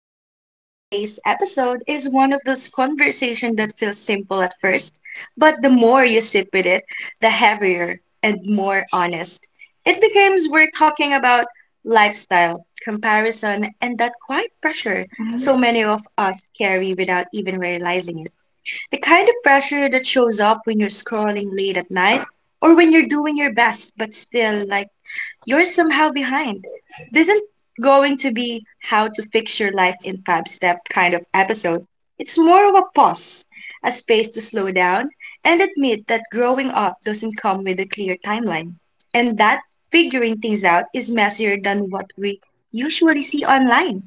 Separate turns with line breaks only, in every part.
host, and today's episode is one of those conversations that feels simple at first, but the more you sit with it, the heavier and more honest it becomes. We're talking about lifestyle, comparison, and that quiet pressure so many of us carry without even realizing it. The kind of pressure that shows up when you're scrolling late at night or when you're doing your best but still like you're somehow behind. This isn't going to be how to fix your life in five step kind of episode. It's more of a pause, a space to slow down and admit that growing up doesn't come with a clear timeline, and that figuring things out is messier than what we usually see online.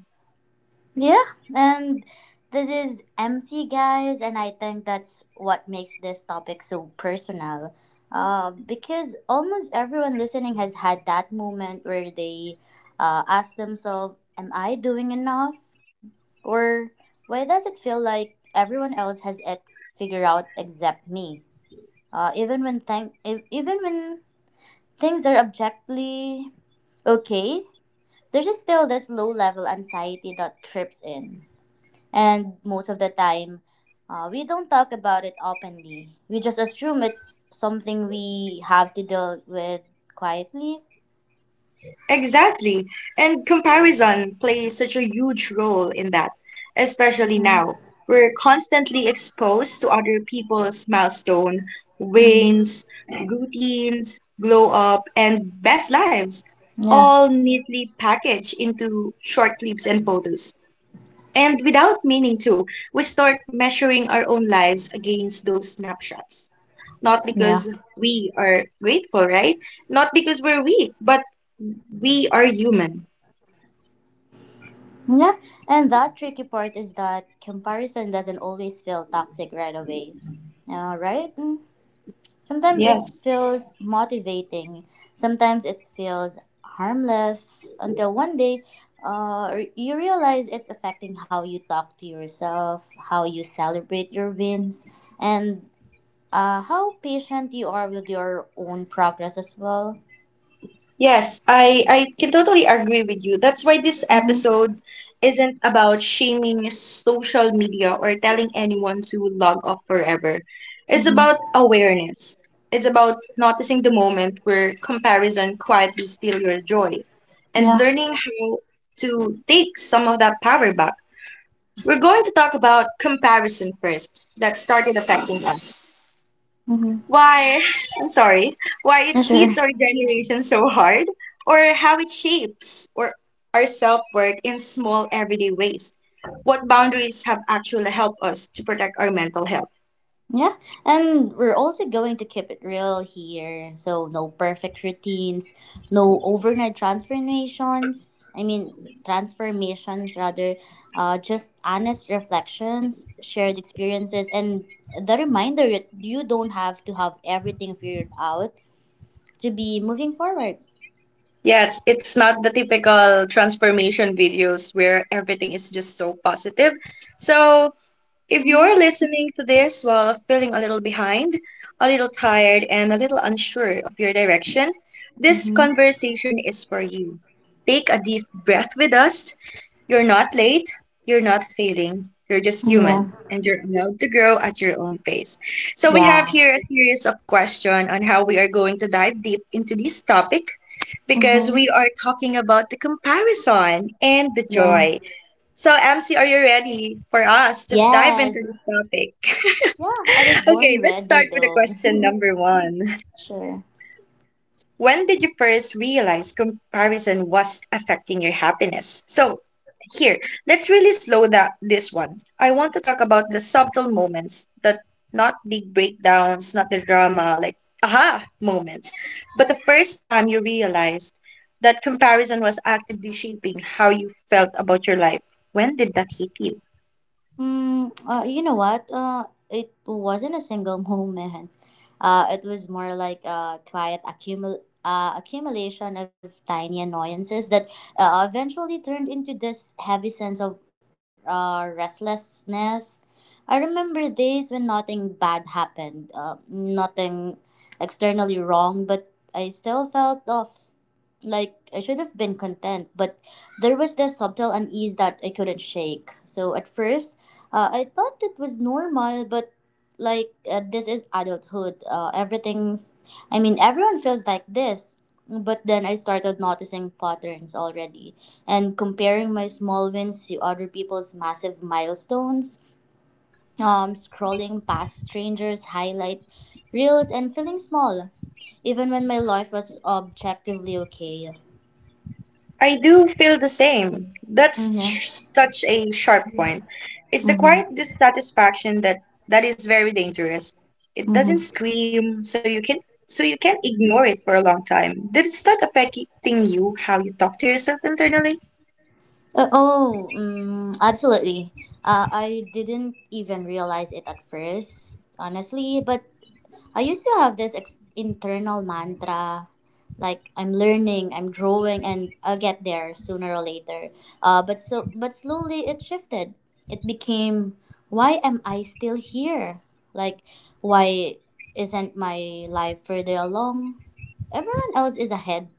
Yeah, and this is MC guys, and I think that's what makes this topic so personal. Because almost everyone listening has had that moment where they ask themselves, am I doing enough? Or why does it feel like everyone else has it figured out except me? Even when things are objectively okay, there's just still this low level anxiety that creeps in. And most of the time, we don't talk about it openly. We just assume it's something we have to deal with quietly.
Exactly. And comparison plays such a huge role in that, especially
Mm-hmm.
now. We're constantly exposed to other people's milestone,
Mm-hmm.
wins, routines, glow up, and best lives,
Yeah,
all neatly packaged into short clips and photos. And without meaning to, we start measuring our own lives against those snapshots, not
yeah,
because we are grateful, right? Not because we're weak, but we are human.
yeah. And that tricky part is that comparison doesn't always feel toxic right away. Right? Sometimes it
Yes.
feels motivating, sometimes it feels harmless until one day you realize it's affecting how you talk to yourself, how you celebrate your wins, and how patient you are with your own progress as well.
Yes, I can totally agree with you. That's why this
Mm-hmm.
episode isn't about shaming social media or telling anyone to log off forever. It's
Mm-hmm.
about awareness. It's about noticing the moment where comparison quietly steals your joy and
Yeah.
learning how to take some of that power back. We're going to talk about comparison first that started affecting us.
Mm-hmm.
Why, I'm sorry, why it
Yeah, sure.
hits our generation so hard, or how it shapes or our self-worth in small everyday ways. What boundaries have actually helped us to protect our mental health?
Yeah, and we're also going to keep it real here. So, no perfect routines, no overnight transformations. I mean, transformations, rather, just honest reflections, shared experiences, and the reminder that you don't have to have everything figured out to be moving forward.
Yeah, it's not the typical transformation videos where everything is just so positive. So if
Yeah.
you're listening to this while feeling a little behind, a little tired, and a little unsure of your direction, this
Mm-hmm.
conversation is for you. Take a deep breath with us. You're not late, you're not failing, you're just human,
Yeah.
and you're allowed to grow at your own pace. So, we have
Yeah.
here a series of questions on how we are going to dive deep into this topic because
Mm-hmm.
we are talking about the comparison and the
Yeah.
joy. So, MC, are you ready for us to dive
Yes.
into this topic?
Yeah, I was born
Okay, let's
ready
start with the
though.
question number one.
Sure.
When did you first realize comparison was affecting your happiness? So, here, let's really slow that this one. I want to talk about the subtle moments, that not big breakdowns, not the drama, like aha moments, but the first time you realized that comparison was actively shaping how you felt about your life. When did that hit you?
Mm, you know what? It wasn't a single moment. It was more like a quiet accumulation of tiny annoyances that eventually turned into this heavy sense of restlessness. I remember days when nothing bad happened, nothing externally wrong, but I still felt off. Like I should have been content, but there was this subtle unease that I couldn't shake. So at first, I thought it was normal, but this is adulthood. Everyone feels like this. But then I started noticing patterns already and comparing my small wins to other people's massive milestones, scrolling past strangers' highlight reels, and feeling small, even when my life was objectively okay.
I do feel the same. That's
Mm-hmm.
such a sharp point. It's the quiet
Mm-hmm.
dissatisfaction that that is very dangerous. It doesn't
Mm-hmm.
scream, so you can ignore it for a long time. Did it start affecting you how you talk to yourself internally?
Oh, Absolutely. I didn't even realize it at first, honestly, but I used to have this internal mantra like I'm learning, I'm growing, and I'll get there sooner or later. But slowly it shifted. It became, why am I still here? Like, why isn't my life further along? Everyone else is ahead.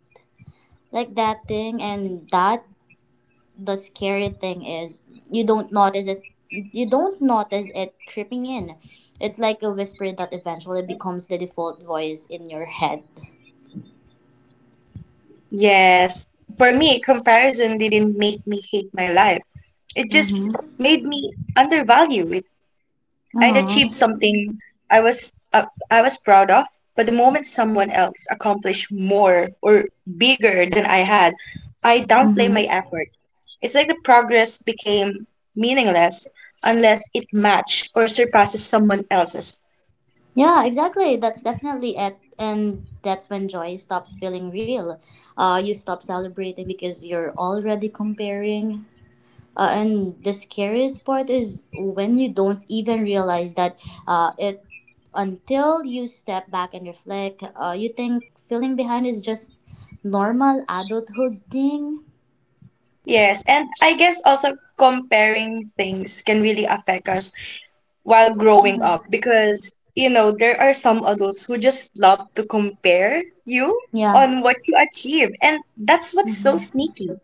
Like that thing and that The scary thing is, you don't notice it creeping in. It's like a whisper that eventually becomes the default voice in your head.
Yes. For me, comparison didn't make me hate my life. It just
Mm-hmm.
made me undervalue it. I'd achieved
Oh.
something I was proud of, but the moment someone else accomplished more or bigger than I had, I downplay
Mm-hmm.
my effort. It's like the progress became meaningless unless it matched or surpasses someone else's.
Yeah, exactly, that's definitely it, and that's when joy stops feeling real. You stop celebrating because you're already comparing. And the scariest part is when you don't even realize that it until you step back and reflect. You think feeling behind is just normal adulthood thing.
Yes, and I guess also comparing things can really affect us while growing
Mhm.
up because you know there are some adults who just love to compare you
Yeah.
on what you achieve, and that's what's so
Hmm.
sneaky.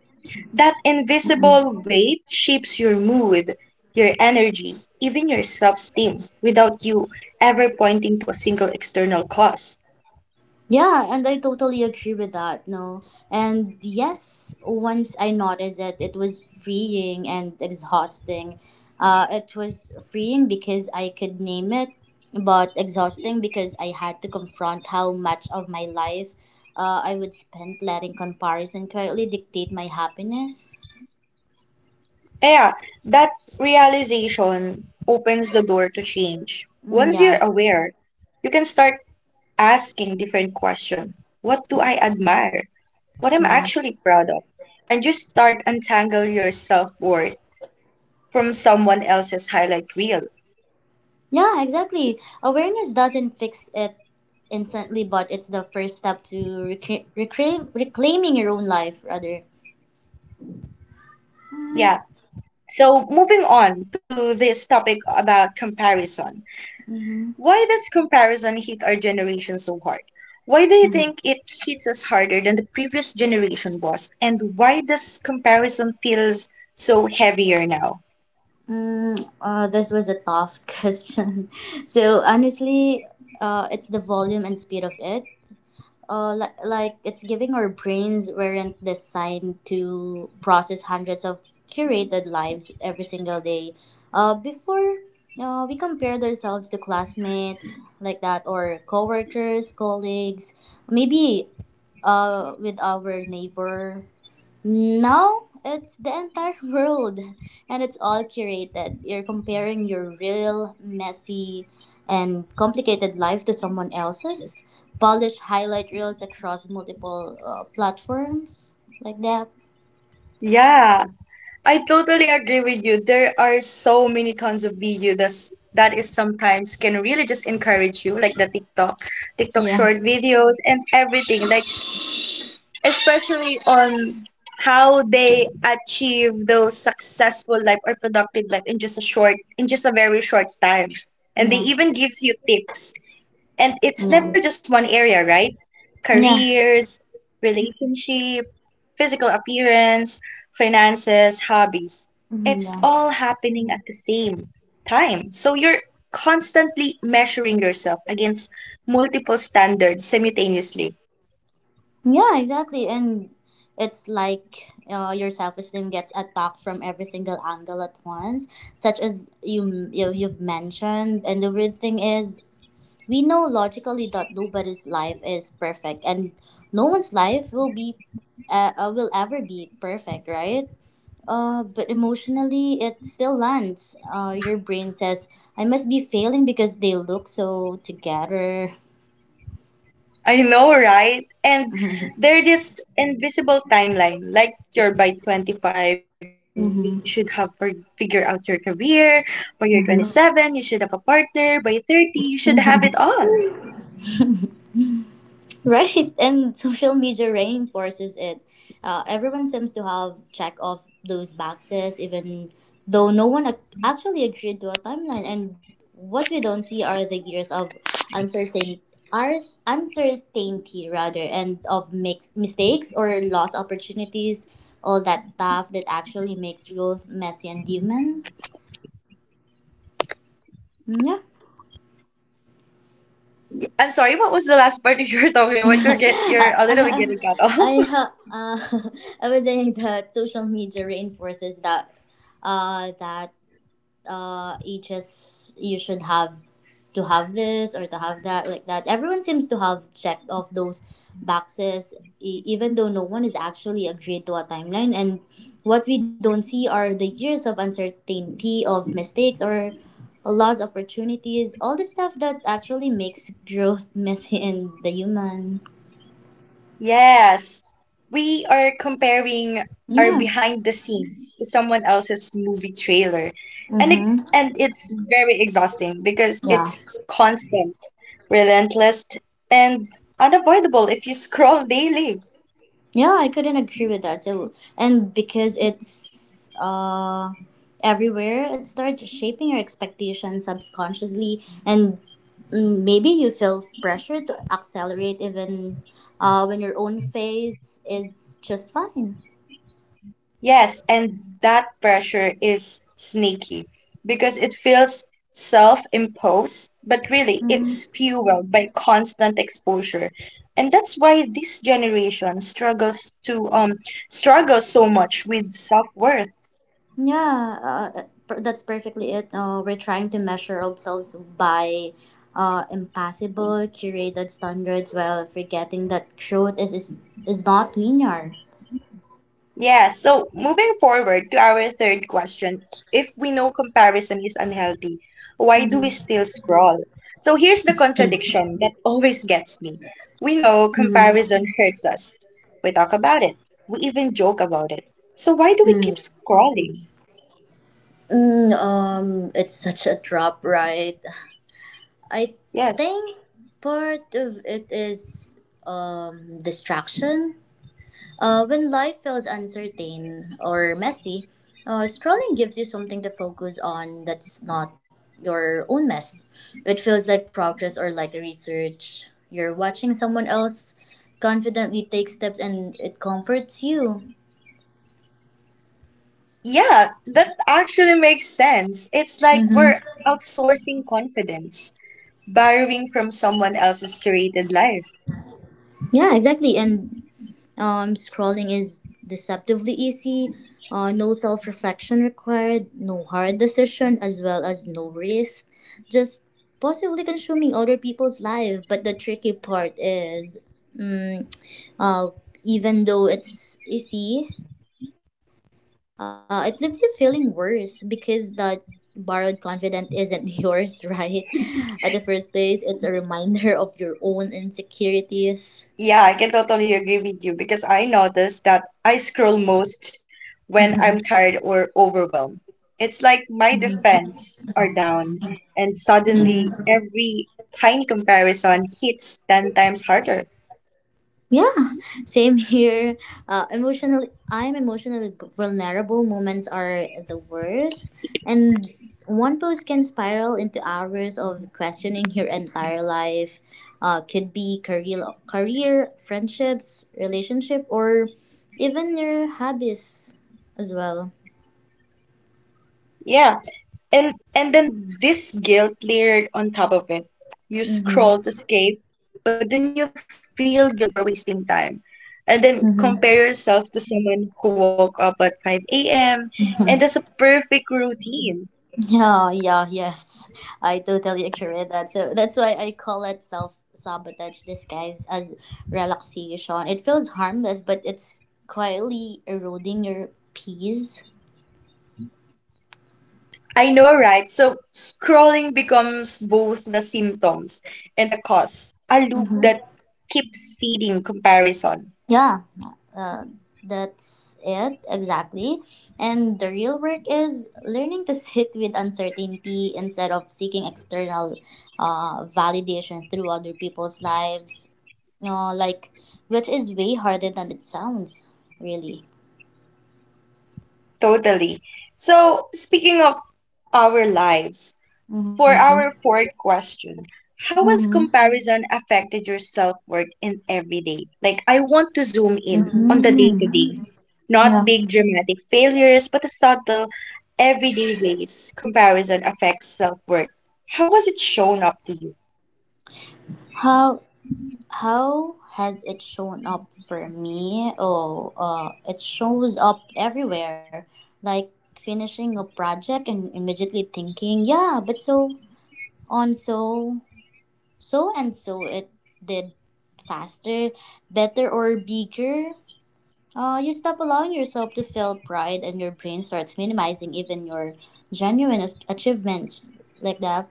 That invisible weight shapes your mood, your energy, even your self-esteem without you ever pointing to a single external cause.
Yeah, and I totally agree with that. No. And yes, once I noticed it, it was freeing and exhausting. It was freeing because I could name it, but exhausting because I had to confront how much of my life I would spend letting comparison quietly dictate my happiness.
Yeah, that realization opens the door to change.
Mm,
Once
yeah,
you're aware, you can start asking different question. What do I admire? What I'm
yeah.
actually proud of? And just start untangle your self-worth from someone else's highlight reel.
Yeah, exactly. Awareness doesn't fix it instantly, but it's the first step to reclaiming your own life, rather. Mm-hmm.
Yeah. So moving on to this topic about comparison.
Mm-hmm.
Why does comparison hit our generation so hard? Why do you
Mm-hmm.
think it hits us harder than the previous generation was? And why does comparison feels so heavier now?
This was a tough question. So honestly, it's the volume and speed of it. Like it's giving our brains weren't designed to process hundreds of curated lives every single day. Before, we compared ourselves to classmates like that, or coworkers, colleagues, maybe with our neighbor. No, it's the entire world, and it's all curated. You're comparing your real, messy, and complicated life to someone else's polished highlight reels across multiple platforms like that.
Yeah, I totally agree with you. There are so many tons of video that is sometimes can really just encourage you, like the TikTok, TikTok
Yeah,
short videos and everything, like especially on how they achieve those successful life or productive life in just a short in just a very short time. And they
yeah,
even gives you tips, and it's
yeah,
never just one area, right?
yeah,
Careers, relationship, physical appearance, finances, hobbies.
mhm,
It's
yeah,
all happening at the same time. So you're constantly measuring yourself against multiple standards simultaneously.
yeah, exactly. And it's like your self esteem gets attacked from every single angle at once, such as you've mentioned. And the weird thing is, we know logically that nobody's life is perfect, and no one's life will be will ever be perfect, right? But emotionally, it still lands. Your brain says, "I must be failing because they look so together."
I know, right? And there's this invisible timeline. Like you're by 25, you should have
Mm-hmm.
figure out your career. By your 27, you should have a
Mm-hmm.
partner. By 30, you should have it all.
Mm-hmm. Right, and social media reinforces it. Everyone seems to have checked off those boxes, even though no one actually agreed to a timeline. And what we don't see are the years of uncertain, uncertainty, rather, and of mistakes or lost opportunities, all that stuff that actually makes growth messy and human. Mm, yeah.
I'm sorry, what was the last part that you were talking about? You're a little bit
I,
getting cut off.
I, ha- uh, I was saying that social media reinforces that each is you should have to have this or to have that like that. Everyone seems to have checked off those boxes, even though no one is actually agreed to a timeline. And what we don't see are the years of uncertainty, of mistakes, or lost opportunities. All the stuff that actually makes growth messy and the human.
Yes, we are comparing our
Yeah.
behind the scenes to someone else's movie trailer. And it
Mm-hmm.
and it's very exhausting because
Yeah.
it's constant, relentless, and unavoidable if you scroll daily.
Yeah, I couldn't agree with that. So, and because it's everywhere, it starts shaping your expectations subconsciously, and maybe you feel pressure to accelerate even when your own phase is just fine.
Yes, and that pressure is sneaky because it feels self-imposed, but really it's fueled by constant exposure. And that's why this generation struggles to struggles so much with self-worth.
Yeah, that's perfectly it. We're trying to measure ourselves by impossible curated standards while forgetting that truth is not linear.
Yeah, so moving forward to our third question, if we know comparison is unhealthy, why do we
Mm-hmm.
still scroll? So here's the contradiction that always gets me. We know
Mm-hmm.
comparison hurts us. We talk about it. We even joke about it. So why do
Mm.
we keep scrolling?
It's such a drop, right? I
Yes.
think part of it is distraction. When life feels uncertain or messy, scrolling gives you something to focus on that's not your own mess. It feels like progress or like research. You're watching someone else confidently take steps and it comforts you.
Yeah, that actually makes sense. It's like
Mm-hmm.
we're outsourcing confidence, borrowing from someone else's curated life.
Yeah, exactly. And Scrolling is deceptively easy. No self reflection required, no hard decision, as well as no risk. Just possibly consuming other people's life. But the tricky part is, mm, uh, even though it's easy, it leaves you feeling worse because that borrowed confidence isn't yours, right? At the first place, it's a reminder of your own insecurities.
Yeah, I can totally agree with you because I notice that I scroll most when I'm tired or overwhelmed. It's like my defense are down, and suddenly
Mhm.
every tiny comparison hits 10 times harder.
Yeah, same here. I'm emotionally vulnerable. Moments are the worst, and one post can spiral into hours of questioning your entire life. Could be career, friendships, relationship, or even your hobbies as well.
Yeah, and then this guilt layered on top of it. You scroll to
Mm-hmm.
escape, but then you feel guilty for wasting time. And then compare
Mm-hmm.
yourself to someone who woke up at 5 a.m. and has a
Mm-hmm.
perfect routine.
Yeah, yeah, yes. I totally agree with that. So that's why I call it self sabotage disguised as relaxation. It feels harmless, but it's quietly eroding your peace.
I know, right? So scrolling becomes both the symptoms and the cause, a loop
Mm-hmm.
that keeps feeding comparison.
Yeah, uh, that's it, exactly. And the real work is learning to sit with uncertainty instead of seeking external validation through other people's lives. You know, like, which is way harder than it sounds, really.
Totally. So, speaking of our lives, for
Mm-hmm.
our fourth question, how
Mm-hmm.
has comparison affected your self-worth in everyday? Like, I want to zoom in on the
Mm-hmm.
day-to-day,
Yeah.
not big dramatic failures, but the subtle everyday ways comparison affects self-worth. How has it shown up to you?
How how has it shown up for me? Oh, it shows up everywhere. Like, finishing a project and immediately thinking, yeah, but so so and so it did faster, better, or bigger. You stop allowing yourself to feel pride and your brain starts minimizing even your genuine achievements like that.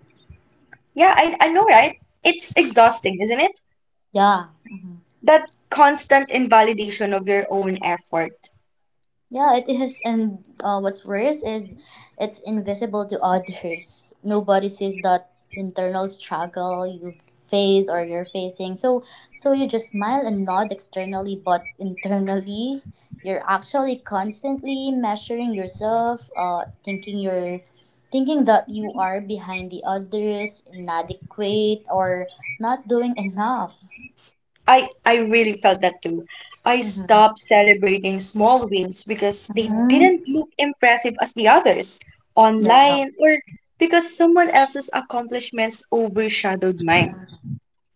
Yeah, I know, right? It's exhausting, isn't it?
Yeah. Mm-hmm.
That constant invalidation of your own effort.
Yeah, it is, and what's worse is it's invisible to others. Nobody sees that internal struggle you face or you're facing. So, so you just smile and nod externally, but internally, you're actually constantly measuring yourself, thinking that you are behind the others, inadequate, or not doing enough.
I really felt that too. I
Mm-hmm.
stopped celebrating small wins because they
Mm-hmm.
didn't look impressive as the others
Yeah.
online or because someone else's accomplishments overshadowed mine.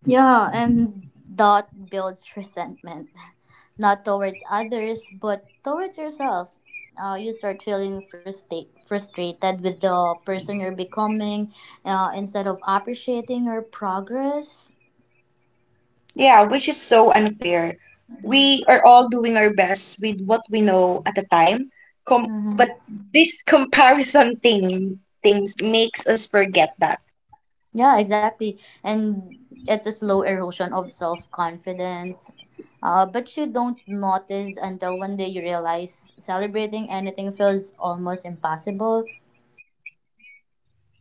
Yeah, and that builds resentment, not towards others, but towards yourself. You start feeling frustrated with the person you're becoming instead of appreciating your progress.
Yeah, which is so unfair.
Hmm.
We are all doing our best with what we know at the time. Com but this comparison thing things makes us forget that.
Yeah, exactly. And it's a slow erosion of self confidence. But you don't notice until one day you realize celebrating anything feels almost impossible.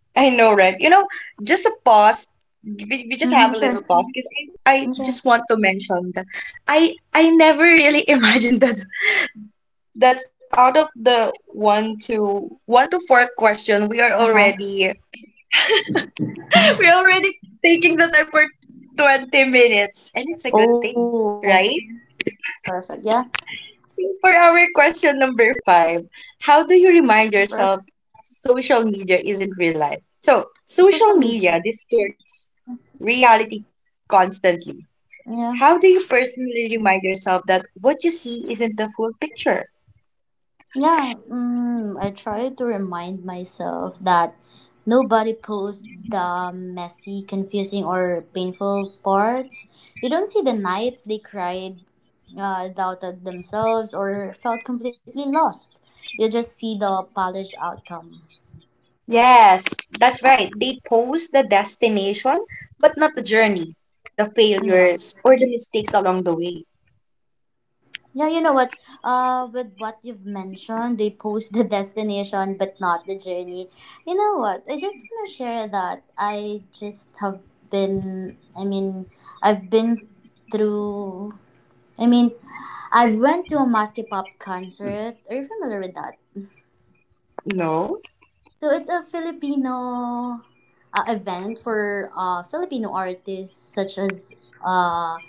I know, right? You know, just a pause. We just
Mm-hmm,
have a little
sure.
pause because I
Sure.
just want to mention that I never really imagined that that out of the one to four question we are
Uh-huh.
already we're already taking the time for 20 minutes, and it's a good thing,
Oh,
right?
perfect. Yeah,
So, for our question number five, how do you remind
perfect.
yourself social media isn't real life? So,
Social
social
media.
media distorts reality constantly.
Yeah,
How do you personally remind yourself that what you see isn't the full picture?
yeah. I try to remind myself that nobody posts the messy, confusing, or painful parts. You don't see the nights they cried, doubted themselves, or felt completely lost. You just see the polished outcome.
Yes, that's right. They post the destination, but not the journey, the
Yeah.
failures, or the mistakes along the way.
Yeah, you know what? With what you've mentioned, they post the destination but not the journey. You know what? I just want to share that been. I mean, I've been through. I mean, I went to a Maske Pop concert. Are you familiar with that?
No?
So it's a Filipino event for Filipino artists such as uh,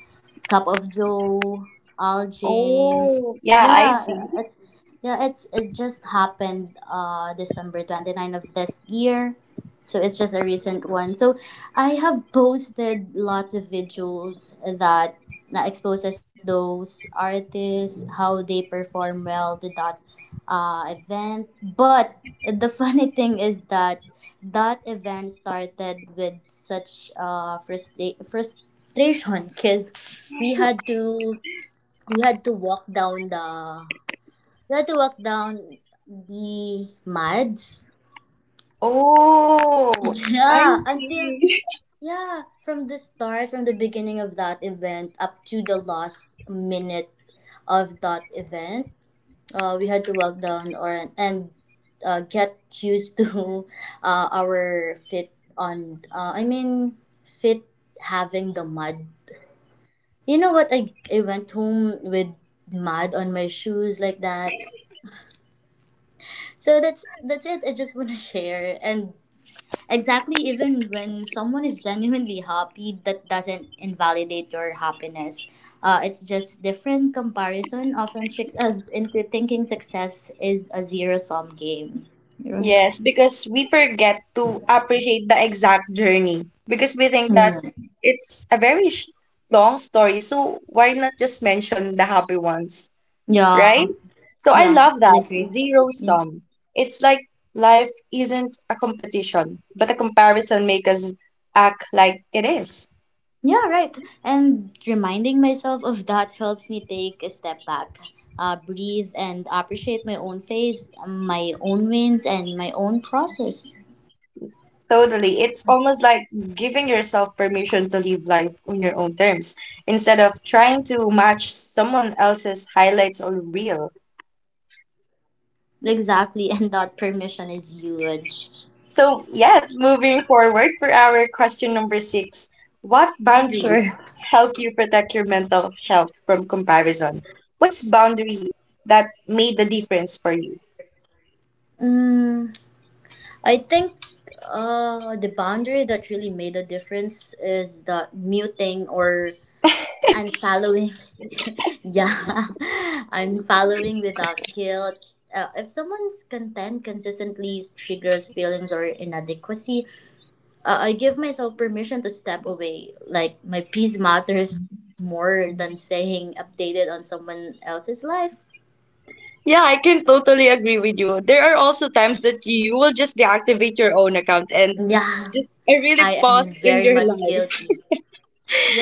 Cup of Joe, Al James.
Oh, yeah, I
Yeah,
see.
uh, it's yeah, it's — it just happened December 29 of this year. So it's just a recent one. So I have posted lots of videos that that exposes those artists how they perform well to that event. But the funny thing is that that event started with such frustration because we had to we had to walk down we had to walk down the mads
Oh, I
yeah until
see.
yeah from the start, from the beginning of that event up to the last minute of that event, we had to walk down, or and get used to our fit on I mean fit, having the mud. You know what? I went home with mud on my shoes like that. So that's it. I just want to share and exactly, even when someone is genuinely happy, that doesn't invalidate your happiness. It's just different. Comparison often tricks us into thinking success is a zero sum game. Yeah.
Yes, because we forget to appreciate the exact journey because we think that
Mm.
it's a very sh long story. So why not just mention the happy ones,
Yeah,
right? So I
yeah,
love
I
that
agree.
zero
Yeah.
sum. It's like life isn't a competition, but a comparison makes us act like it is.
Yeah, right. And reminding myself of that helps me take a step back, breathe, and appreciate my own phase, my own wins, and my own process.
Totally. It's almost like giving yourself permission to live life on your own terms instead of trying to match someone else's highlights or reel.
Exactly, and that permission is huge.
So, yes, moving forward for our question number six, what
Yeah, sure.
boundaries help you protect your mental health from comparison? What's boundary that made the difference for you?
Mm, I think the boundary that really made a difference is the muting or unfollowing. Yeah, unfollowing without guilt. If someone's content consistently triggers feelings or inadequacy, I give myself permission to step away. Like, my peace matters more than staying updated on someone else's life.
Yeah, I can totally agree with you. There are also times that you will just deactivate your own account and
Yeah.
just I really
I
pause
am
in your
very much
life.
guilty.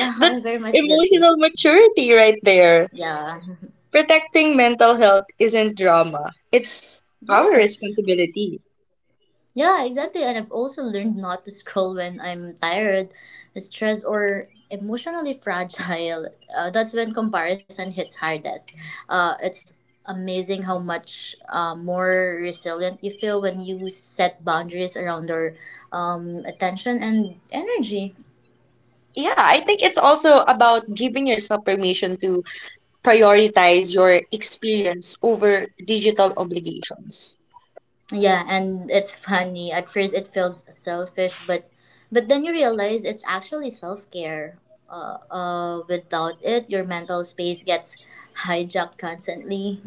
Yeah,
That's
I'm very much
emotional
guilty.
maturity right there.
Yeah.
Protecting mental health isn't drama, it's our
Yes.
responsibility.
Yeah, exactly. And I've also learned not to scroll when I'm tired, stressed, or emotionally fragile. That's when comparison hits hardest. It's amazing how much more resilient you feel when you set boundaries around your attention and energy.
Yeah, I think it's also about giving yourself permission to prioritize your experience over digital obligations.
Yeah, and it's funny. At first, it feels selfish, but then you realize it's actually self care. Without it, your mental space gets hijacked constantly.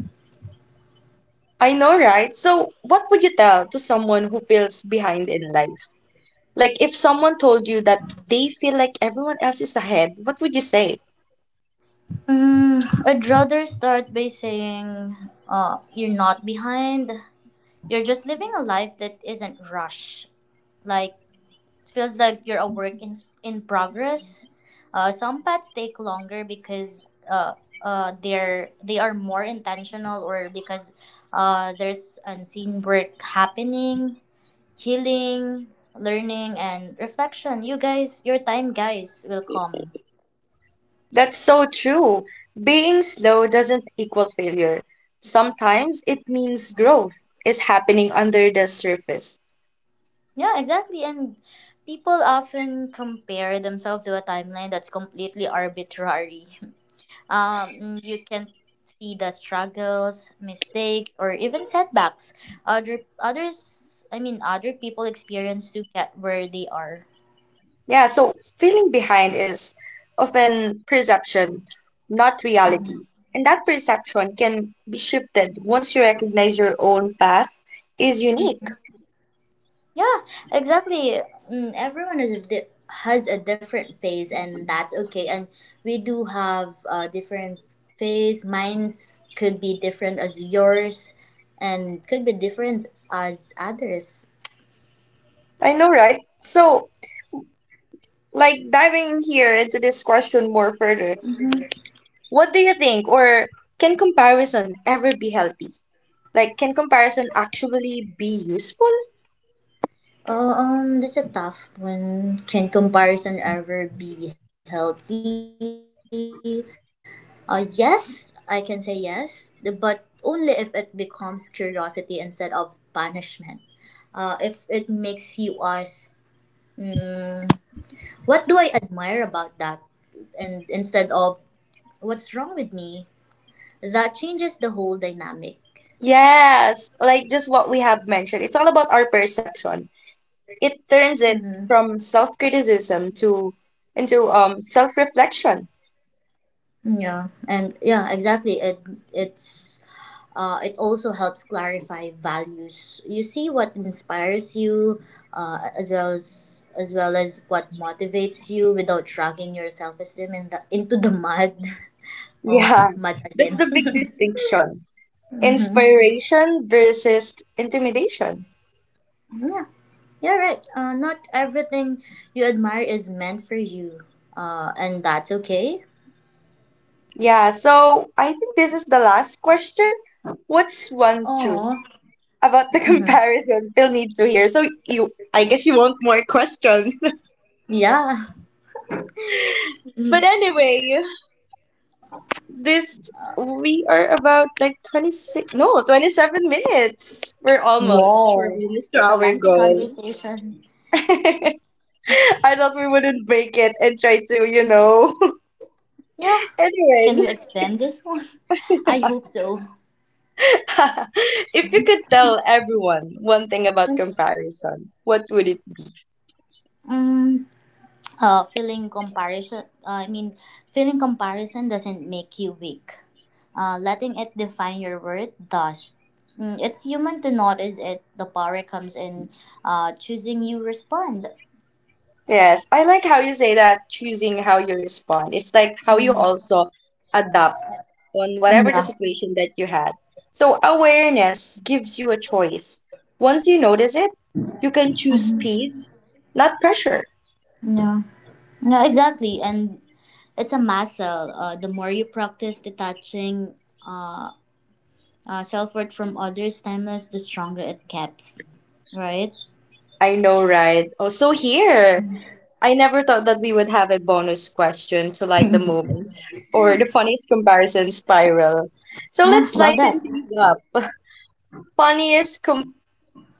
I know, right? So, what would you tell to someone who feels behind in life? Like, if someone told you that they feel like everyone else is ahead, what would you say?
I'd rather start by saying, you're not behind. You're just living a life that isn't rushed. Like, it feels like you're a work in progress. Some paths take longer because they are more intentional, or because there's unseen work happening, healing, learning, and reflection. You guys, your time, guys, will come.
That's so true. Being slow doesn't equal failure. Sometimes it means growth is happening under the surface.
Yeah, exactly. And people often compare themselves to a timeline that's completely arbitrary. You can see the struggles, mistakes, or even setbacks other others I mean other people experience to get where they are.
Yeah, so feeling behind is often perception, not reality. And that perception can be shifted once you recognize your own path is unique.
Mhm. Yeah, exactly. Everyone is has a different phase, and that's okay. And we do have a different phase. Mine's could be different as yours, and could be different as others.
I know, right? So, like diving here into this question more further, what do you think, or can comparison ever be healthy? Like, can comparison actually be useful?
Oh, that's a tough one. Can comparison ever be healthy? Yes, I can say yes, but only if it becomes curiosity instead of punishment. If it makes you ask, mm, what do I admire about that? And instead of, what's wrong with me? That changes the whole dynamic.
Yes, like just what we have mentioned. It's all about our perception. It turns
Mm-hmm.
it from self-criticism to into self-reflection.
Yeah, and yeah, exactly. It's it also helps clarify values. You see what inspires you, as well as what motivates you, without dragging your self esteem in the into the mud. Oh,
Yeah,
mud
that's
again.
the big distinction.
Mm-hmm.
Inspiration versus intimidation.
Yeah, you're right. Not everything you admire is meant for you. And that's okay.
Yeah, so I think this is the last question. What's one
Oh,
truth about the
mm-hmm.
comparison Phil needs to hear? So you, I guess you want more questions.
Yeah.
But
Mhm.
anyway, this we are about like 26 no, 27 minutes. We're almost. We're
Whoa,
almost to
it's a
our
lengthy
goal.
conversation.
I thought we wouldn't break it and try to, you know.
Yeah, can
Anyway,
we extend this one? I hope so.
if you could tell everyone one thing about comparison, what would it.
Mm, uh, feeling comparison, uh, I mean, feeling comparison doesn't make you weak. Letting it define your worth does. Mm, it's human to notice it. The power comes in choosing you respond.
Yes, I like how you say that choosing how you respond. It's like how you
Mm-hmm.
also adapt on whatever the
Yeah.
situation that you had. So awareness gives you a choice. Once you notice it, you can choose
Hmm.
peace, not pressure.
Yeah. Yeah, exactly. And it's a muscle. The more you practice detaching uh, self worth from others' timeless, the stronger it gets. Right?
I know, right? Also here, I never thought that we would have a bonus question to light the
Yeah,
moment or the funniest comparison spiral. So let's
love that.
lighten things up. Funniest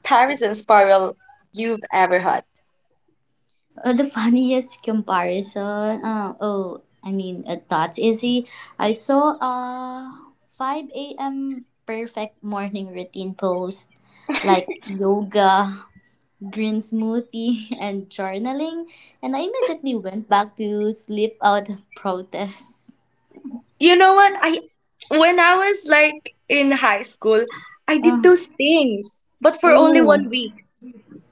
comparison spiral you've ever had.
The funniest comparison. That's easy. I saw a 5 a.m. perfect morning routine post, like yoga, green smoothie, and journaling, and I immediately went back to sleep out of protest.
You know what? I when I was like in high school, I did
Uh,
those things, but for only
oh,
1 week.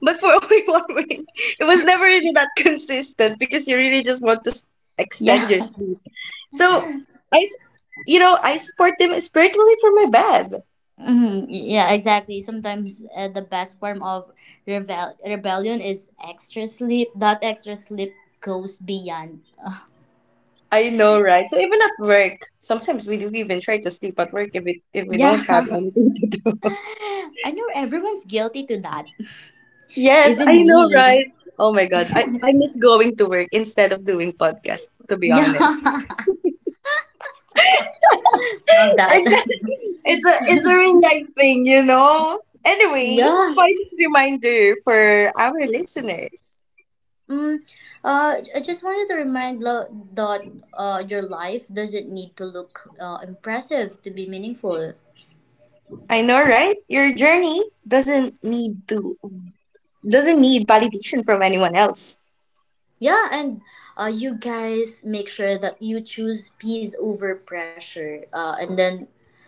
But for only 1 week. It was never really that consistent because you really just want to extend your
yeah.
sleep. So I, s- you know, I support them spiritually for my bed.
Mm-hmm. Yeah, exactly. Sometimes the best form of rebellion is extra sleep. That extra sleep goes beyond.
I know, right? So even at work, sometimes we do even try to sleep at work if we don't have
Yeah.
anything to do.
I know everyone's guilty to that.
Yes, I
Even
know,
me.
right? Oh my God, I miss going to work instead of doing podcast, to be
Yeah.
honest.
Love that.
It's a, it's a real life thing, you know. Anyway,
Yeah.
final reminder for our listeners.
Mm, I just wanted to remind that your life doesn't need to look impressive to be meaningful.
I know, right? Your journey doesn't need to doesn't need validation from anyone else.
Yeah, and you guys make sure that you choose peace over pressure. And then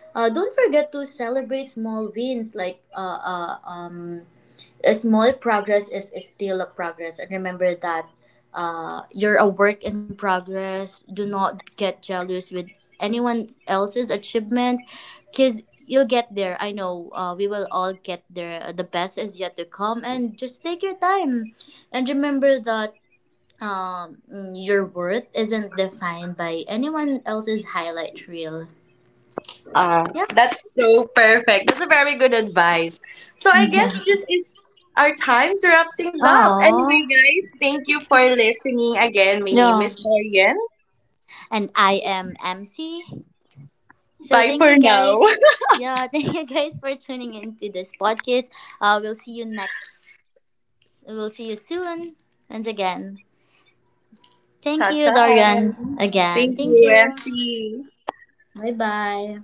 don't forget to celebrate small wins. Like, a small progress is still a progress. And remember that you're a work in progress. Do not get jealous with anyone else's achievement, because you'll get there. I know we will all get there. The best is yet to come. And just take your time. And remember that your worth isn't defined by anyone else's highlight reel.
Ah,
Yeah.
that's so perfect. That's a very good advice. So I
Yeah.
guess this is our time to wrap things up. Anyway,
Oh.
guys, thank you for listening again. My name
Yeah.
is Dorian.
And I am MC. So
Bye
thank
for
you
now.
guys. Yeah, thank you guys for tuning into this podcast. We'll see you next. We'll see you soon. Once again.
Ta
Thank you,
ta.
Dorian. Again.
Thank
Thank
you,
you.
MC.
Bye bye.